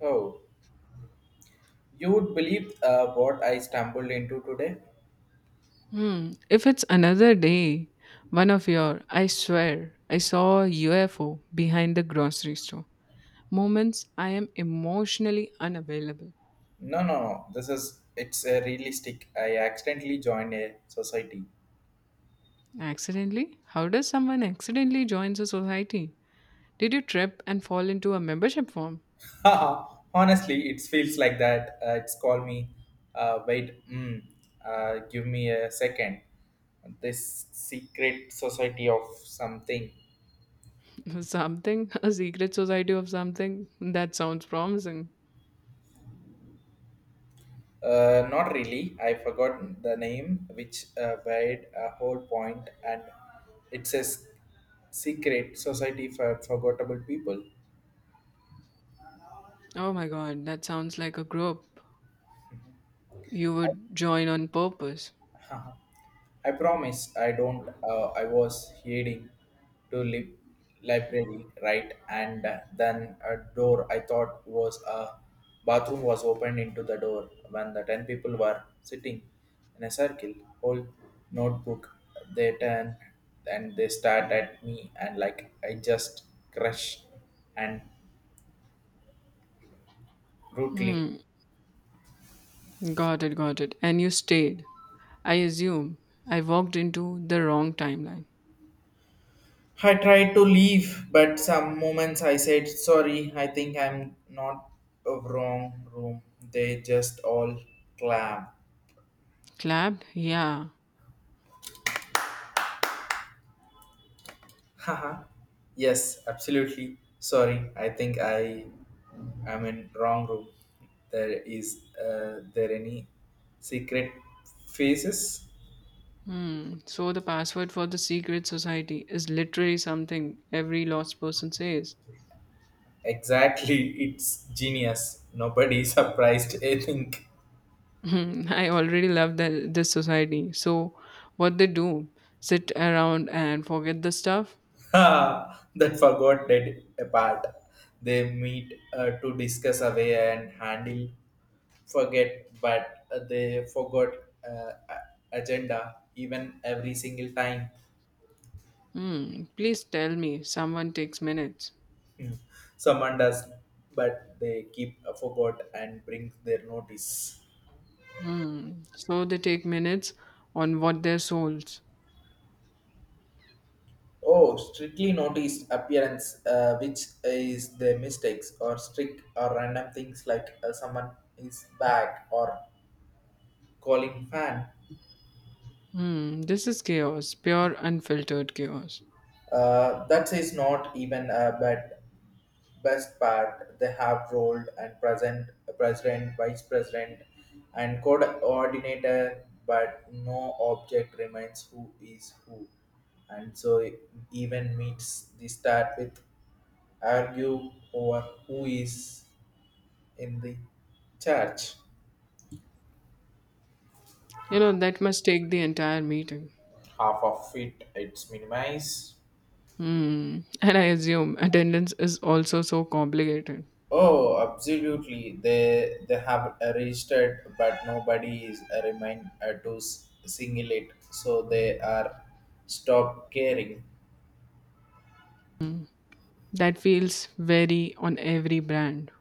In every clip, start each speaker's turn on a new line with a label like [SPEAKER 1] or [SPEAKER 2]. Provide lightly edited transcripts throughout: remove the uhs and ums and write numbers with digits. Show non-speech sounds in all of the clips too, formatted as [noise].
[SPEAKER 1] Oh, you would believe what I stumbled into today?
[SPEAKER 2] Hmm. If it's another day, one of your, I swear, I saw a UFO behind the grocery store. Moments I am emotionally unavailable.
[SPEAKER 1] No, no, no. This is it's a realistic. I accidentally joined a society.
[SPEAKER 2] Accidentally? How does someone accidentally joins a society? Did you trip and fall into a membership form?
[SPEAKER 1] [laughs] Honestly, it feels like that. It's called me. Uh, wait, mm, Give me a second. This secret society of something.
[SPEAKER 2] [laughs] Something? A secret society of something? That sounds promising.
[SPEAKER 1] Not really. I forgot the name, which made a whole point, and it's a secret society for forgettable people.
[SPEAKER 2] Oh my god, that sounds like a group you would join on purpose.
[SPEAKER 1] Haha. I promise I don't. I was heading to library, right? And then a door I thought was a bathroom was opened into the door when the 10 people were sitting in a circle, whole notebook. They turned and they stared at me and like I just crushed and brutally
[SPEAKER 2] Hmm, got it, got it. And you stayed. I assume I walked into the wrong timeline.
[SPEAKER 1] I tried to leave, but some moments I said, sorry, I think I'm not a wrong room. They just all clam.
[SPEAKER 2] Clapped? Yeah.
[SPEAKER 1] [laughs] Haha. Yes, absolutely. Sorry, I think I am in wrong room. There is there any secret faces?
[SPEAKER 2] Hmm. So the password for the secret society is literally something every lost person says.
[SPEAKER 1] Exactly, it's genius. Nobody [laughs] surprised, I think.
[SPEAKER 2] Hmm, [laughs] I already love this society. So what they do? Sit around and forget the stuff?
[SPEAKER 1] [laughs] Ha! That forgot that apart. They meet to discuss away and handle, forget, but they forgot agenda even every single time.
[SPEAKER 2] Hmm. Please tell me someone takes minutes.
[SPEAKER 1] Hmm. Someone does, but they keep forgot and bring their notice.
[SPEAKER 2] Hmm. So they take minutes on what their souls.
[SPEAKER 1] Oh, strictly noticed appearance, which is the mistakes or strict or random things like someone is back or calling fan.
[SPEAKER 2] Hmm, this is chaos, pure unfiltered chaos.
[SPEAKER 1] That is not even a bad best part. They have rolled and present president, vice president, and coordinator, but no object remains who is who. And so it even meets the start with argue over who is in the church.
[SPEAKER 2] You know, that must take the entire meeting.
[SPEAKER 1] Half of it it's minimized.
[SPEAKER 2] Hmm, and I assume attendance is also so complicated.
[SPEAKER 1] Oh, absolutely. They have registered, but nobody is remind to single it, so they are stop caring.
[SPEAKER 2] That feels very on every brand.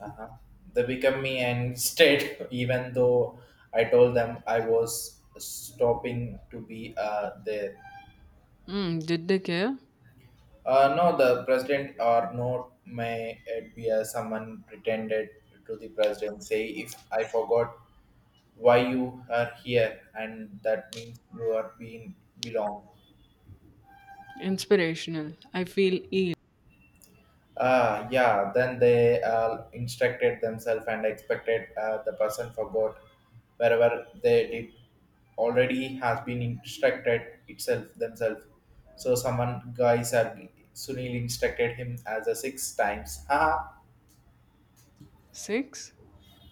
[SPEAKER 1] Uh-huh. They become me and instead, [laughs] even though I told them I was stopping to be there.
[SPEAKER 2] Hmm, did they care?
[SPEAKER 1] No, the president or not may it be someone pretended to the president say if I forgot why you are here and that means you are being belong.
[SPEAKER 2] Inspirational. I feel ill.
[SPEAKER 1] Ah yeah, then they instructed themselves and expected the person forgot wherever they did already has been instructed itself themselves, so someone guys are sunil instructed him as a six times. [laughs] Haha.
[SPEAKER 2] Six?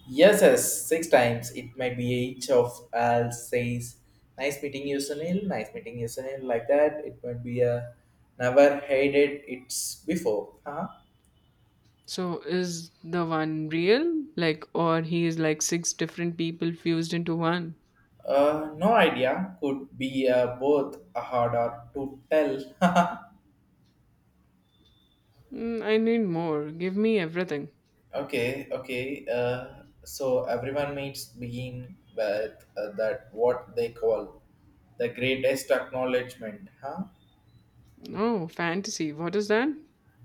[SPEAKER 1] Yes, yes, six times. It might be each of us says, "Nice meeting you, Sunil. Nice meeting you, Sunil." Like that, it might be a never hated it's before, huh?
[SPEAKER 2] So is the one real? Like, or he is like six different people fused into one?
[SPEAKER 1] No idea. Could be both a hard or to tell. [laughs]
[SPEAKER 2] Mm, I need more. Give me everything.
[SPEAKER 1] Okay, okay. So everyone meets begin with that what they call the greatest acknowledgement, huh?
[SPEAKER 2] Oh, fantasy. What is that?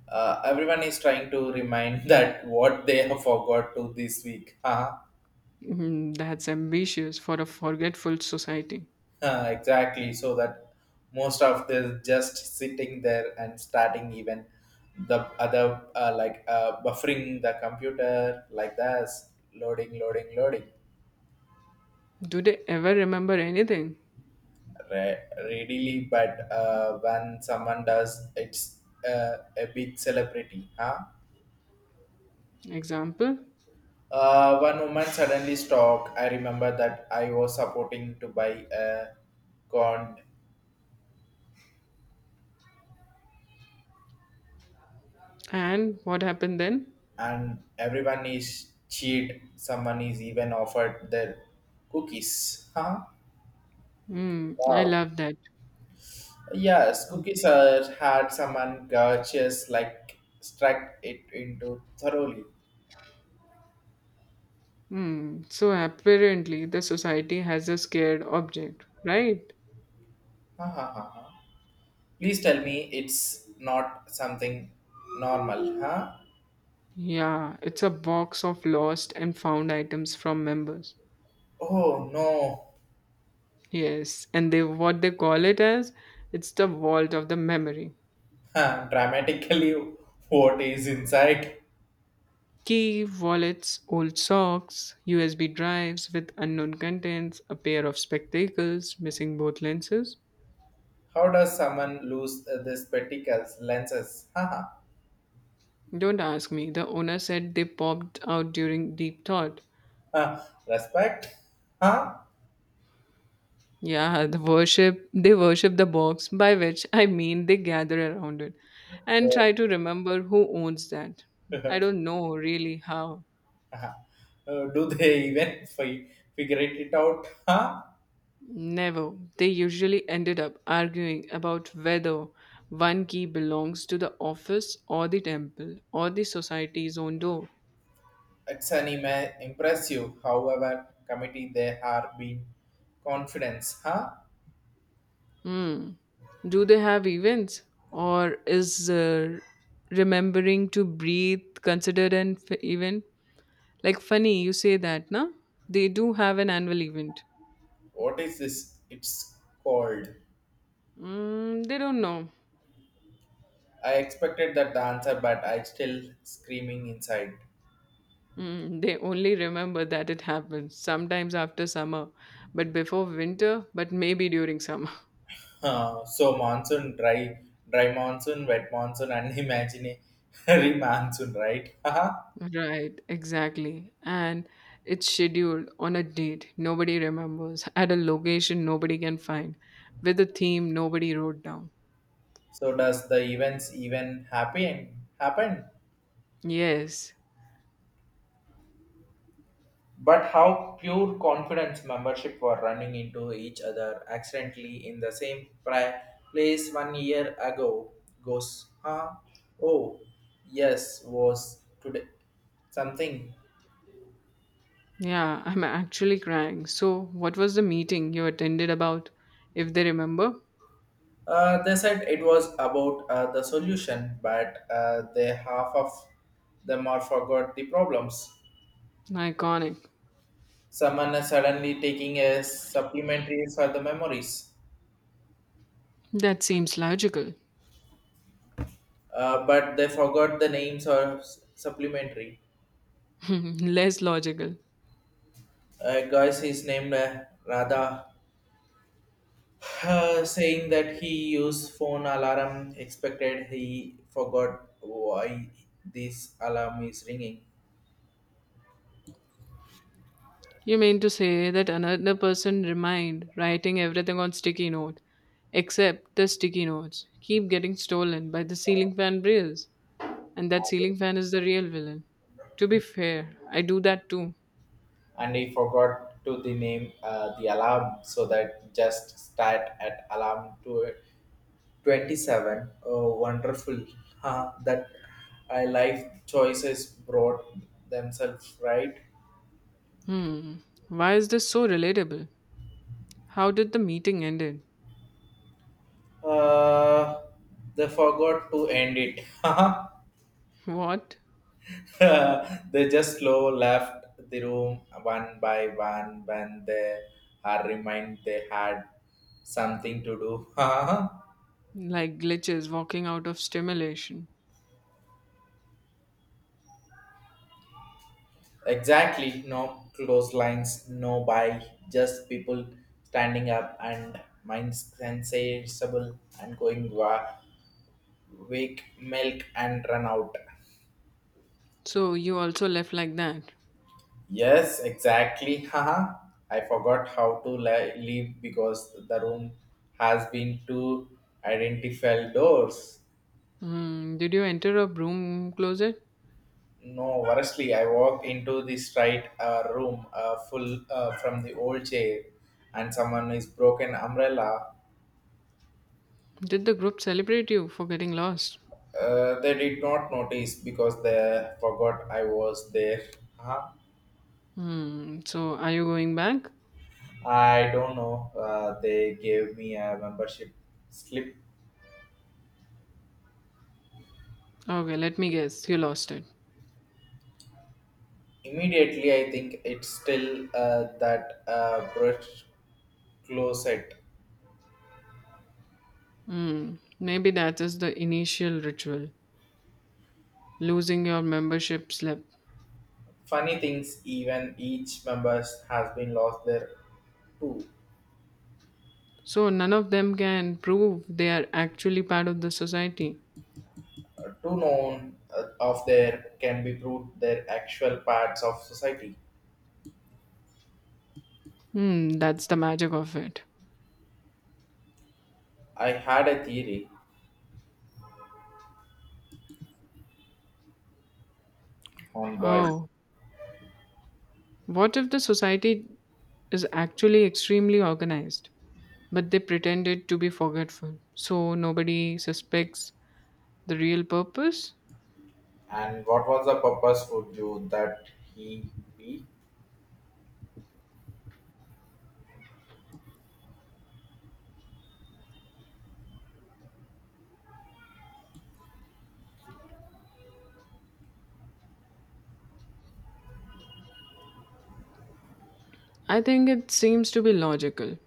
[SPEAKER 1] Everyone is trying to remind [laughs] that what they have forgot to this week. Huh?
[SPEAKER 2] Mhm, that's ambitious for a forgetful society.
[SPEAKER 1] Exactly. So that most of them just sitting there and starting even the other buffering the computer like this, loading, loading, loading
[SPEAKER 2] Do they ever remember anything?
[SPEAKER 1] readily. But when someone does, it's a big celebrity. Huh?
[SPEAKER 2] Example.
[SPEAKER 1] One woman suddenly stopped. I remember that I was supporting to buy a corn
[SPEAKER 2] And what happened then?
[SPEAKER 1] and everyone is cheat. Someone is even offered their cookies. Huh?
[SPEAKER 2] Hmm, I
[SPEAKER 1] Wow.
[SPEAKER 2] love that.
[SPEAKER 1] Yes, cookies are had someone gorgeous like struck it into thoroughly.
[SPEAKER 2] Hmm. So apparently, the society has a scared object, right?
[SPEAKER 1] Ha ha ha. Ha. Please tell me it's not something normal, huh?
[SPEAKER 2] Yeah, it's a box of lost and found items from members.
[SPEAKER 1] Oh no. [laughs]
[SPEAKER 2] Yes, and they what they call it as, it's the vault of the memory.
[SPEAKER 1] Huh, dramatically, what is inside?
[SPEAKER 2] Key, wallets, old socks, USB drives with unknown contents, a pair of spectacles missing both lenses.
[SPEAKER 1] How does someone lose the spectacles lenses? [laughs] Haha.
[SPEAKER 2] Don't ask me. The owner said they popped out during deep thought.
[SPEAKER 1] Ha. Huh. Respect? Huh?
[SPEAKER 2] Yeah, the worship they worship the box, by which I mean they gather around it and try to remember who owns that. I
[SPEAKER 1] [laughs]
[SPEAKER 2] don't know really how.
[SPEAKER 1] Uh-huh. Do they [laughs] even figure it out? Huh?
[SPEAKER 2] Never. They usually ended up arguing about whether one key belongs to the office or the temple or the society's own door.
[SPEAKER 1] It's an impressive, however, committee they are being confidence. Huh?
[SPEAKER 2] Hmm. Do they have events? Or is remembering to breathe considered an event? Like, funny, you say that, na? They do have an annual event.
[SPEAKER 1] What is this? It's called.
[SPEAKER 2] Mm, they don't know.
[SPEAKER 1] I expected that the answer, but I still screaming inside.
[SPEAKER 2] Mm, they only remember that it happens sometimes after summer, but before winter, but maybe during summer.
[SPEAKER 1] So monsoon, dry monsoon, wet monsoon, and [laughs] imaginary monsoon, right? [laughs] Haha.
[SPEAKER 2] Right, exactly. And it's scheduled on a date nobody remembers, at a location nobody can find, with a theme nobody wrote down.
[SPEAKER 1] So does the events even happen? Happen?
[SPEAKER 2] Yes,
[SPEAKER 1] But how pure confidence membership were running into each other accidentally in the same place 1 year ago goes, huh? Oh, yes, was today something.
[SPEAKER 2] yeah, I'm actually crying. So, what was the meeting you attended about, if they remember?
[SPEAKER 1] They said it was about the solution, but they half of them are forgot the problems.
[SPEAKER 2] Iconic.
[SPEAKER 1] Someone is suddenly taking a supplementary for the memories,
[SPEAKER 2] That seems logical.
[SPEAKER 1] but they forgot the names or supplementary.
[SPEAKER 2] [laughs] Less logical.
[SPEAKER 1] A guy is named Radha, saying that he used phone alarm. Expected he forgot why this alarm is ringing,
[SPEAKER 2] You mean to say that another person remind writing everything on sticky note, except the sticky notes keep getting stolen by the ceiling fan brails. And that ceiling fan is the real villain. To be fair, I do that too.
[SPEAKER 1] and he forgot to the name the alarm, so that just start at alarm to 27. Oh, wonderful! Huh, that life choices brought themselves right.
[SPEAKER 2] Hmm. Why is this so relatable? How did the meeting ended?
[SPEAKER 1] Uh, they forgot to end it. [laughs]
[SPEAKER 2] What?
[SPEAKER 1] [laughs] They just slow left the room one by one when they are reminded they had something to do. [laughs]
[SPEAKER 2] Like glitches walking out of stimulation.
[SPEAKER 1] Exactly, no close lines, no by, just people standing up and minds sensible and going wake milk and run out.
[SPEAKER 2] So you also left like that.
[SPEAKER 1] Yes, exactly. Haha. I forgot how to leave because the room has been two identifiable doors.
[SPEAKER 2] Hmm. Did you enter a broom closet?
[SPEAKER 1] No, honestly, I walked into this right room full from the old chair, and someone is broken umbrella.
[SPEAKER 2] Did the group celebrate you for getting lost?
[SPEAKER 1] They did not notice because they forgot I was there. Huh?
[SPEAKER 2] Hmm. So are you going back?
[SPEAKER 1] I don't know. They gave me a membership slip
[SPEAKER 2] Okay, let me guess. You lost it.
[SPEAKER 1] immediately. I think it's still that brush closet.
[SPEAKER 2] Hmm. Maybe that is the initial ritual. Losing your membership slip.
[SPEAKER 1] Funny things, even each members has been lost there too.
[SPEAKER 2] So none of them can prove they are actually part of the society.
[SPEAKER 1] To none of there can be proved their actual parts of society.
[SPEAKER 2] Hmm, that's the magic of it.
[SPEAKER 1] I had a theory on boy,
[SPEAKER 2] Oh, what if the society is actually extremely organized, but they pretended to be forgetful, so nobody suspects the real purpose?
[SPEAKER 1] and what was the purpose would you that he be?
[SPEAKER 2] I think it seems to be logical,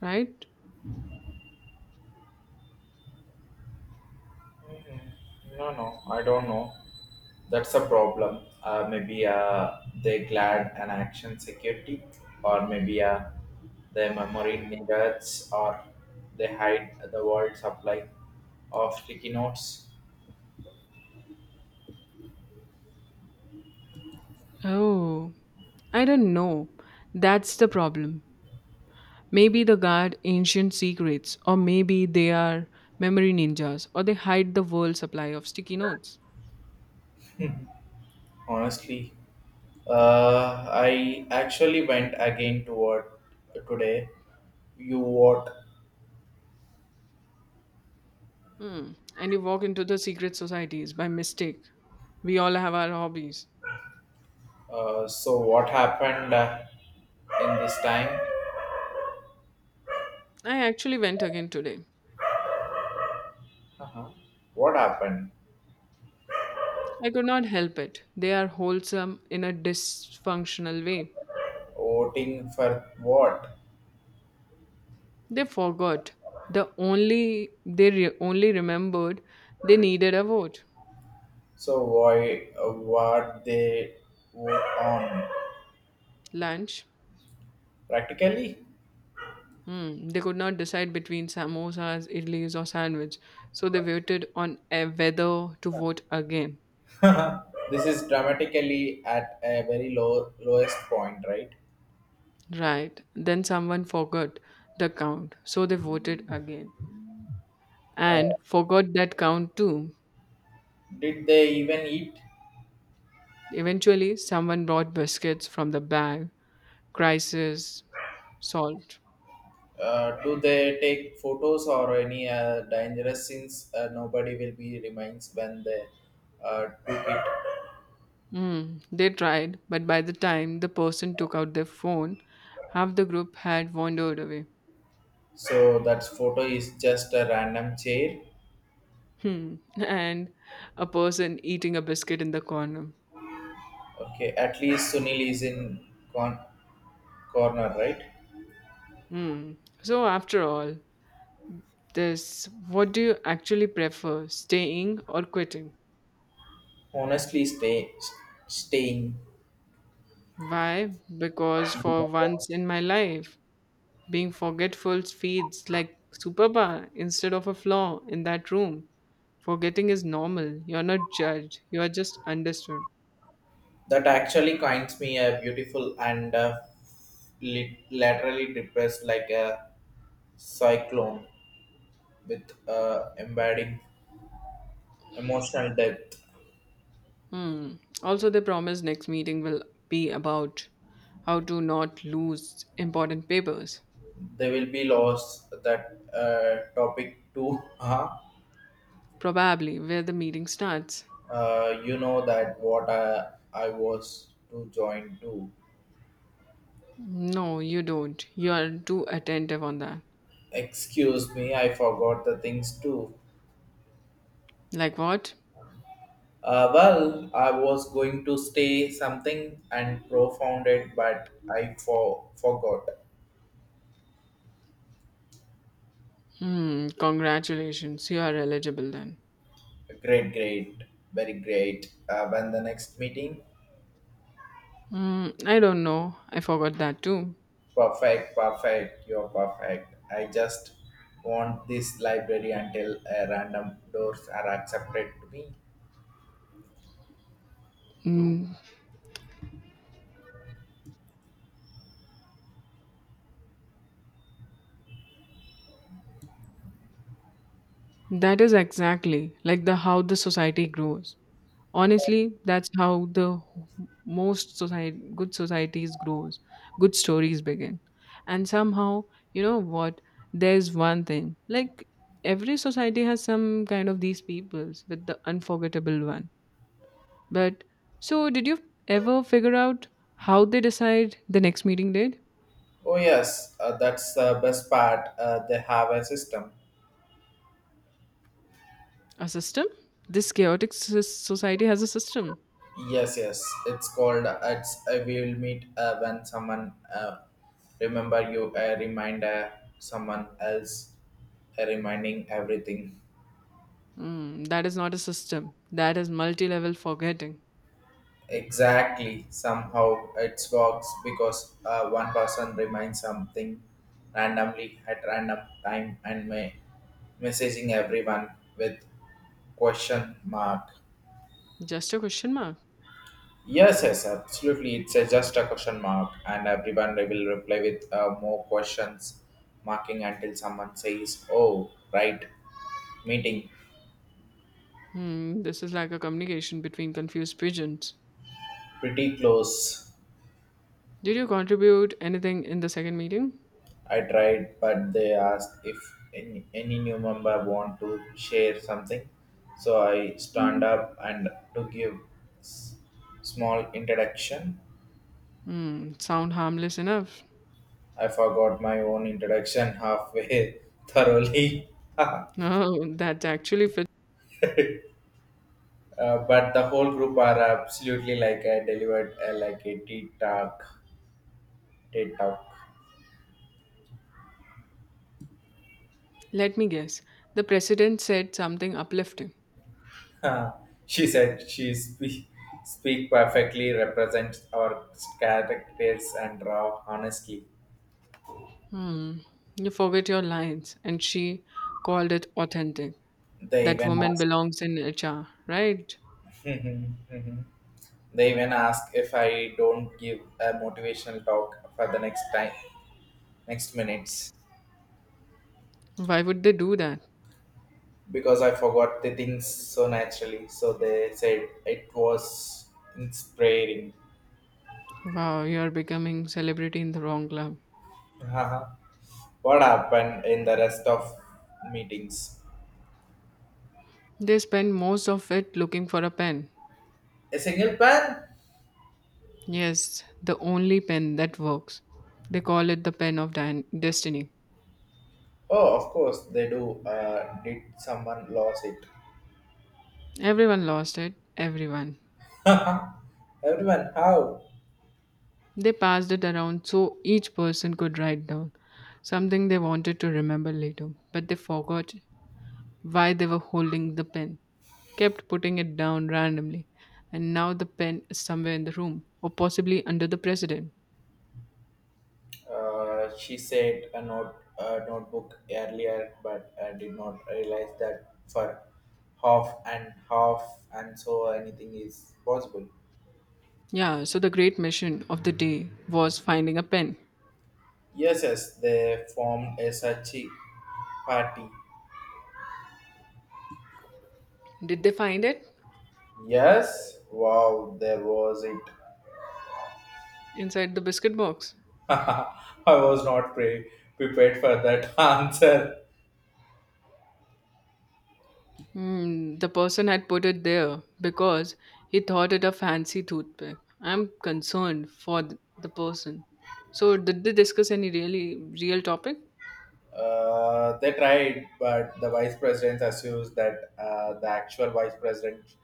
[SPEAKER 2] right?
[SPEAKER 1] Mhm. No, no, I don't know. That's a problem. Maybe they glad an action security, or maybe their memory needs, or they hide the world supply of sticky notes.
[SPEAKER 2] Oh, I don't know. That's the problem. Maybe they guard ancient secrets, or maybe they are memory ninjas, or they hide the world's supply of sticky notes.
[SPEAKER 1] Honestly, I actually went again to work today. You what?
[SPEAKER 2] Hmm. And you walk into the secret societies by mistake. We all have our hobbies.
[SPEAKER 1] So what happened in this time?
[SPEAKER 2] I actually went again today.
[SPEAKER 1] Uh-huh. What happened?
[SPEAKER 2] I could not help it. They are wholesome in a dysfunctional way.
[SPEAKER 1] Voting for what?
[SPEAKER 2] They forgot. The only they only remembered they needed a vote.
[SPEAKER 1] So why? What they vote on?
[SPEAKER 2] Lunch.
[SPEAKER 1] Practically,
[SPEAKER 2] Hmm. They could not decide between samosas, idlis, or sandwich, so they waited on a whether to vote again.
[SPEAKER 1] [laughs] this is dramatically at a very low lowest point, right?
[SPEAKER 2] Right. Then someone forgot the count, so they voted again
[SPEAKER 1] Uh,
[SPEAKER 2] and forgot that count too.
[SPEAKER 1] did they even eat?
[SPEAKER 2] Eventually, someone brought biscuits from the bag, crisis, salt.
[SPEAKER 1] Do they take photos or any dangerous scenes? Nobody will be reminds when they took it.
[SPEAKER 2] Mm, they tried, but by the time the person took out their phone, half the group had wandered away.
[SPEAKER 1] So that photo is just a random chair.
[SPEAKER 2] Hmm. [laughs] And a person eating a biscuit in the corner.
[SPEAKER 1] Okay, at least Sunil is in corner, right?
[SPEAKER 2] Hmm. So, after all this, what do you actually prefer, staying or quitting?
[SPEAKER 1] Honestly, staying.
[SPEAKER 2] Why? Because for once in my life, being forgetful feels like superpower instead of a flaw in that room. Forgetting is normal. You're not judged. You are just understood.
[SPEAKER 1] That actually finds me a beautiful and laterally depressed like a cyclone with embedding emotional depth.
[SPEAKER 2] Hmm. Also, they promise next meeting will be about how to not lose important papers,
[SPEAKER 1] They will be lost that topic too. Uh-huh. [laughs]
[SPEAKER 2] probably where the meeting starts.
[SPEAKER 1] You know that what I was to join to.
[SPEAKER 2] No, you don't. You are too attentive on that.
[SPEAKER 1] Excuse me, I forgot the things too.
[SPEAKER 2] Like what?
[SPEAKER 1] Well, I was going to stay something and profound it, but I forgot.
[SPEAKER 2] Hmm, congratulations. You are eligible then.
[SPEAKER 1] Great, great, very great. When the next meeting?
[SPEAKER 2] Hmm, I don't know. I forgot that too.
[SPEAKER 1] Perfect, perfect. You're perfect. I just want this library until random doors are accepted to me.
[SPEAKER 2] Hmm, that is exactly like the how the society grows. Honestly, that's how the most society good societies grows. Good stories begin. And somehow, you know what? There's one thing. Like every society has some kind of these peoples with the unforgettable one. But so, did you ever figure out how they decide the next meeting date?
[SPEAKER 1] Oh yes, that's the best part. They have a system.
[SPEAKER 2] A system? This chaotic society has a system.
[SPEAKER 1] Yes, yes. It's called. It's we will meet when someone remember you. A reminder. Someone else. A reminding everything.
[SPEAKER 2] Hmm, that is not a system. That is multi level forgetting.
[SPEAKER 1] Exactly. Somehow it works because one person reminds something randomly at random time and may messaging everyone with question mark.
[SPEAKER 2] Just a question mark.
[SPEAKER 1] Yes, yes, absolutely. It's a, just a question mark, and everyone will reply with more questions marking until someone says, "Oh, right, meeting,
[SPEAKER 2] Hmm, this is like a communication between confused pigeons.
[SPEAKER 1] pretty close."
[SPEAKER 2] Did you contribute anything in the second meeting?
[SPEAKER 1] I tried, but they asked if any new member want to share something. So I stand up and to give s- small introduction.
[SPEAKER 2] Hmm, sound harmless enough. [laughs]
[SPEAKER 1] I forgot my own introduction halfway [laughs] thoroughly. [laughs]
[SPEAKER 2] No, that actually fits.
[SPEAKER 1] But the whole group are absolutely like I delivered like a tea talk. Tea talk.
[SPEAKER 2] Let me guess. The president said something uplifting.
[SPEAKER 1] [laughs] Huh. She speak perfectly represents our characters and raw honestly.
[SPEAKER 2] Hmm. You forget your lines, and she called it authentic.
[SPEAKER 1] They
[SPEAKER 2] That
[SPEAKER 1] even
[SPEAKER 2] woman
[SPEAKER 1] ask.
[SPEAKER 2] belongs in HR, right?
[SPEAKER 1] Mhm. Mhm. They even ask if I don't give a motivational talk for the next time, next minutes,
[SPEAKER 2] Why would they do that?
[SPEAKER 1] because I forgot the things so naturally. So they said it was inspiring.
[SPEAKER 2] Wow, you are becoming celebrity in the wrong club.
[SPEAKER 1] Haha. What happened in the rest of meetings?
[SPEAKER 2] They spend most of it looking for a pen.
[SPEAKER 1] A single pan?
[SPEAKER 2] Yes, the only pen that works. They call it the pen of destiny.
[SPEAKER 1] Oh, of course they do. Did someone lose it?
[SPEAKER 2] Everyone lost it, everyone.
[SPEAKER 1] [laughs] Everyone, how?
[SPEAKER 2] They passed it around so each person could write down something they wanted to remember later, but they forgot why they were holding the pen, kept putting it down randomly, and now the pen is somewhere in the room, or possibly under the president.
[SPEAKER 1] She said a note a notebook earlier, but I did not realize that for half and half and so anything is possible.
[SPEAKER 2] Yeah, so the great mission of the day was finding a pen.
[SPEAKER 1] Yes, yes, they formed a such a party.
[SPEAKER 2] Did they find it?
[SPEAKER 1] Yes, wow, there was it.
[SPEAKER 2] Inside the biscuit box.
[SPEAKER 1] [laughs] I was not prepared for that [laughs] answer.
[SPEAKER 2] Hmm, the person had put it there because he thought it a fancy toothpick. I'm concerned for the person. So, did they discuss any really real topic?
[SPEAKER 1] They tried, but the vice president assumes that the actual vice president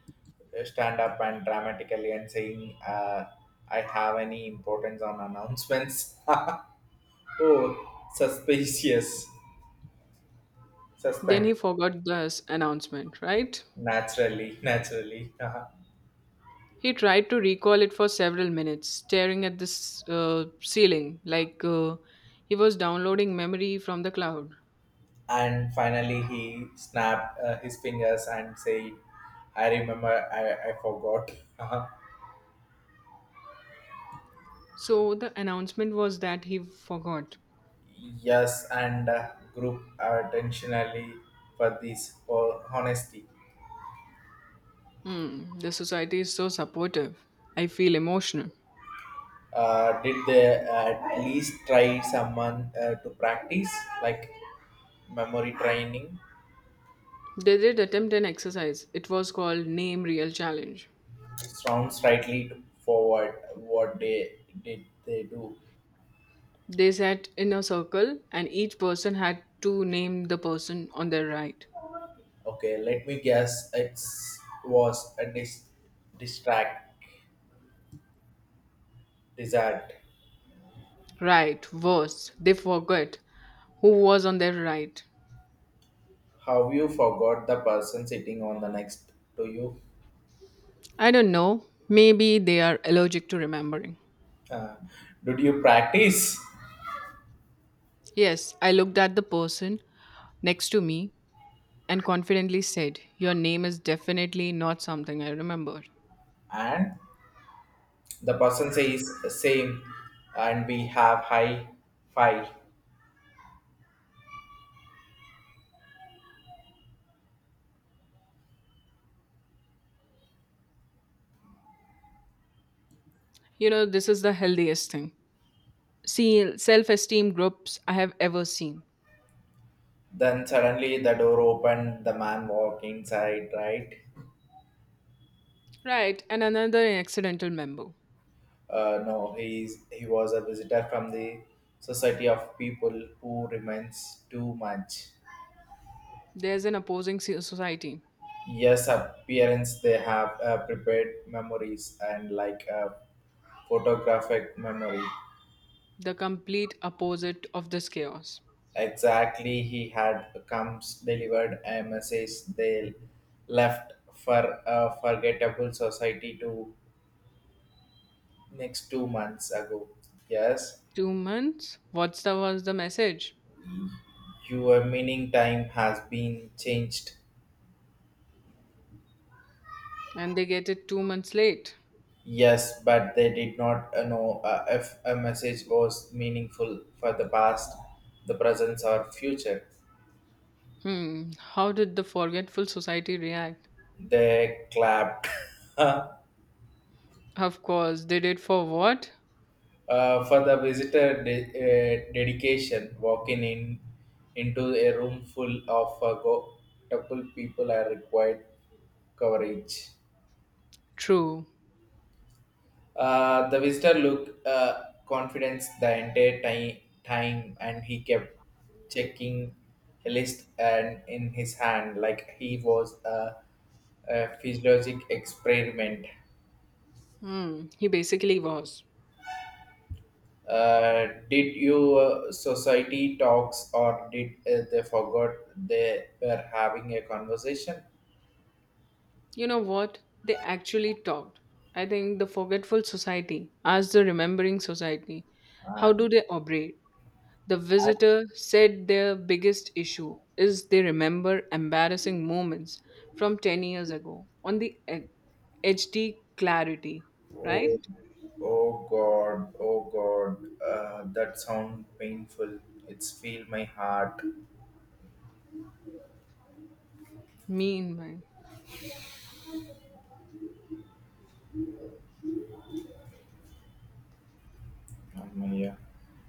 [SPEAKER 1] stand up and dramatically and saying, "I have any importance on announcements." [laughs] Oh, suspicious,
[SPEAKER 2] Then
[SPEAKER 1] suspend
[SPEAKER 2] he forgot this announcement, right?
[SPEAKER 1] naturally, naturally,
[SPEAKER 2] He tried to recall it for several minutes, staring at the ceiling like he was downloading memory from the cloud.
[SPEAKER 1] [laughs] and finally he snapped his fingers and said, "I remember, I forgot." [laughs]
[SPEAKER 2] So the announcement was that he forgot.
[SPEAKER 1] Yes, and group attentionally for this for honesty.
[SPEAKER 2] Hmm, the society is so supportive. I feel emotional.
[SPEAKER 1] Did they at least try someone to practice like memory training?
[SPEAKER 2] They did attempt an exercise. It was called Name Real Challenge.
[SPEAKER 1] Sounds rightly forward. What they did they do?
[SPEAKER 2] They sat in a circle and each person had to name the person on their right.
[SPEAKER 1] Okay, let me guess. It was a dis- distract dessert.
[SPEAKER 2] Right, worse, they forgot who was on their right.
[SPEAKER 1] How you forgot the person sitting on the next to you?
[SPEAKER 2] I don't know. Maybe they are allergic to remembering.
[SPEAKER 1] Uh, did you practice?
[SPEAKER 2] Yes, I looked at the person next to me and confidently said, "Your name is definitely not something I remember."
[SPEAKER 1] And the person says same and we have high five.
[SPEAKER 2] You know, this is the healthiest thing. See, self esteem groups I have ever seen.
[SPEAKER 1] Then suddenly the door opened the man walked inside right.
[SPEAKER 2] Right, and another accidental member.
[SPEAKER 1] No, he was a visitor from the society of people who remains too much.
[SPEAKER 2] There's an opposing society,
[SPEAKER 1] Yes, appearance they have prepared memories and like a photographic memory.
[SPEAKER 2] the complete opposite of this chaos.
[SPEAKER 1] Exactly, he had comes delivered a message they left for a forgettable society to next 2 months ago. Yes,
[SPEAKER 2] Two months? What's the, was the message?
[SPEAKER 1] your meaning time has been changed.
[SPEAKER 2] And they get it two months late.
[SPEAKER 1] Yes, but they did not know if a message was meaningful for the past, the present, or future.
[SPEAKER 2] Hmm, how did the forgetful society react?
[SPEAKER 1] They clapped. [laughs]
[SPEAKER 2] Of course, they did for what?
[SPEAKER 1] For the visitor dedication, walking in into a room full of couple people are required coverage.
[SPEAKER 2] True.
[SPEAKER 1] The visitor looked confidence the entire time, and he kept checking a list and in his hand like he was a physiologic experiment.
[SPEAKER 2] Hmm, he basically was.
[SPEAKER 1] Did you society talks or did they forgot they were having a conversation?
[SPEAKER 2] You know what? They actually talked. I think the forgetful society asked the remembering society, how
[SPEAKER 1] And
[SPEAKER 2] do they operate? The visitor said their biggest issue is they remember embarrassing moments from 10 years ago on the HD clarity, right?
[SPEAKER 1] oh, oh God, that sound painful. It's feel my heart.
[SPEAKER 2] Meanwhile.
[SPEAKER 1] Oh yeah.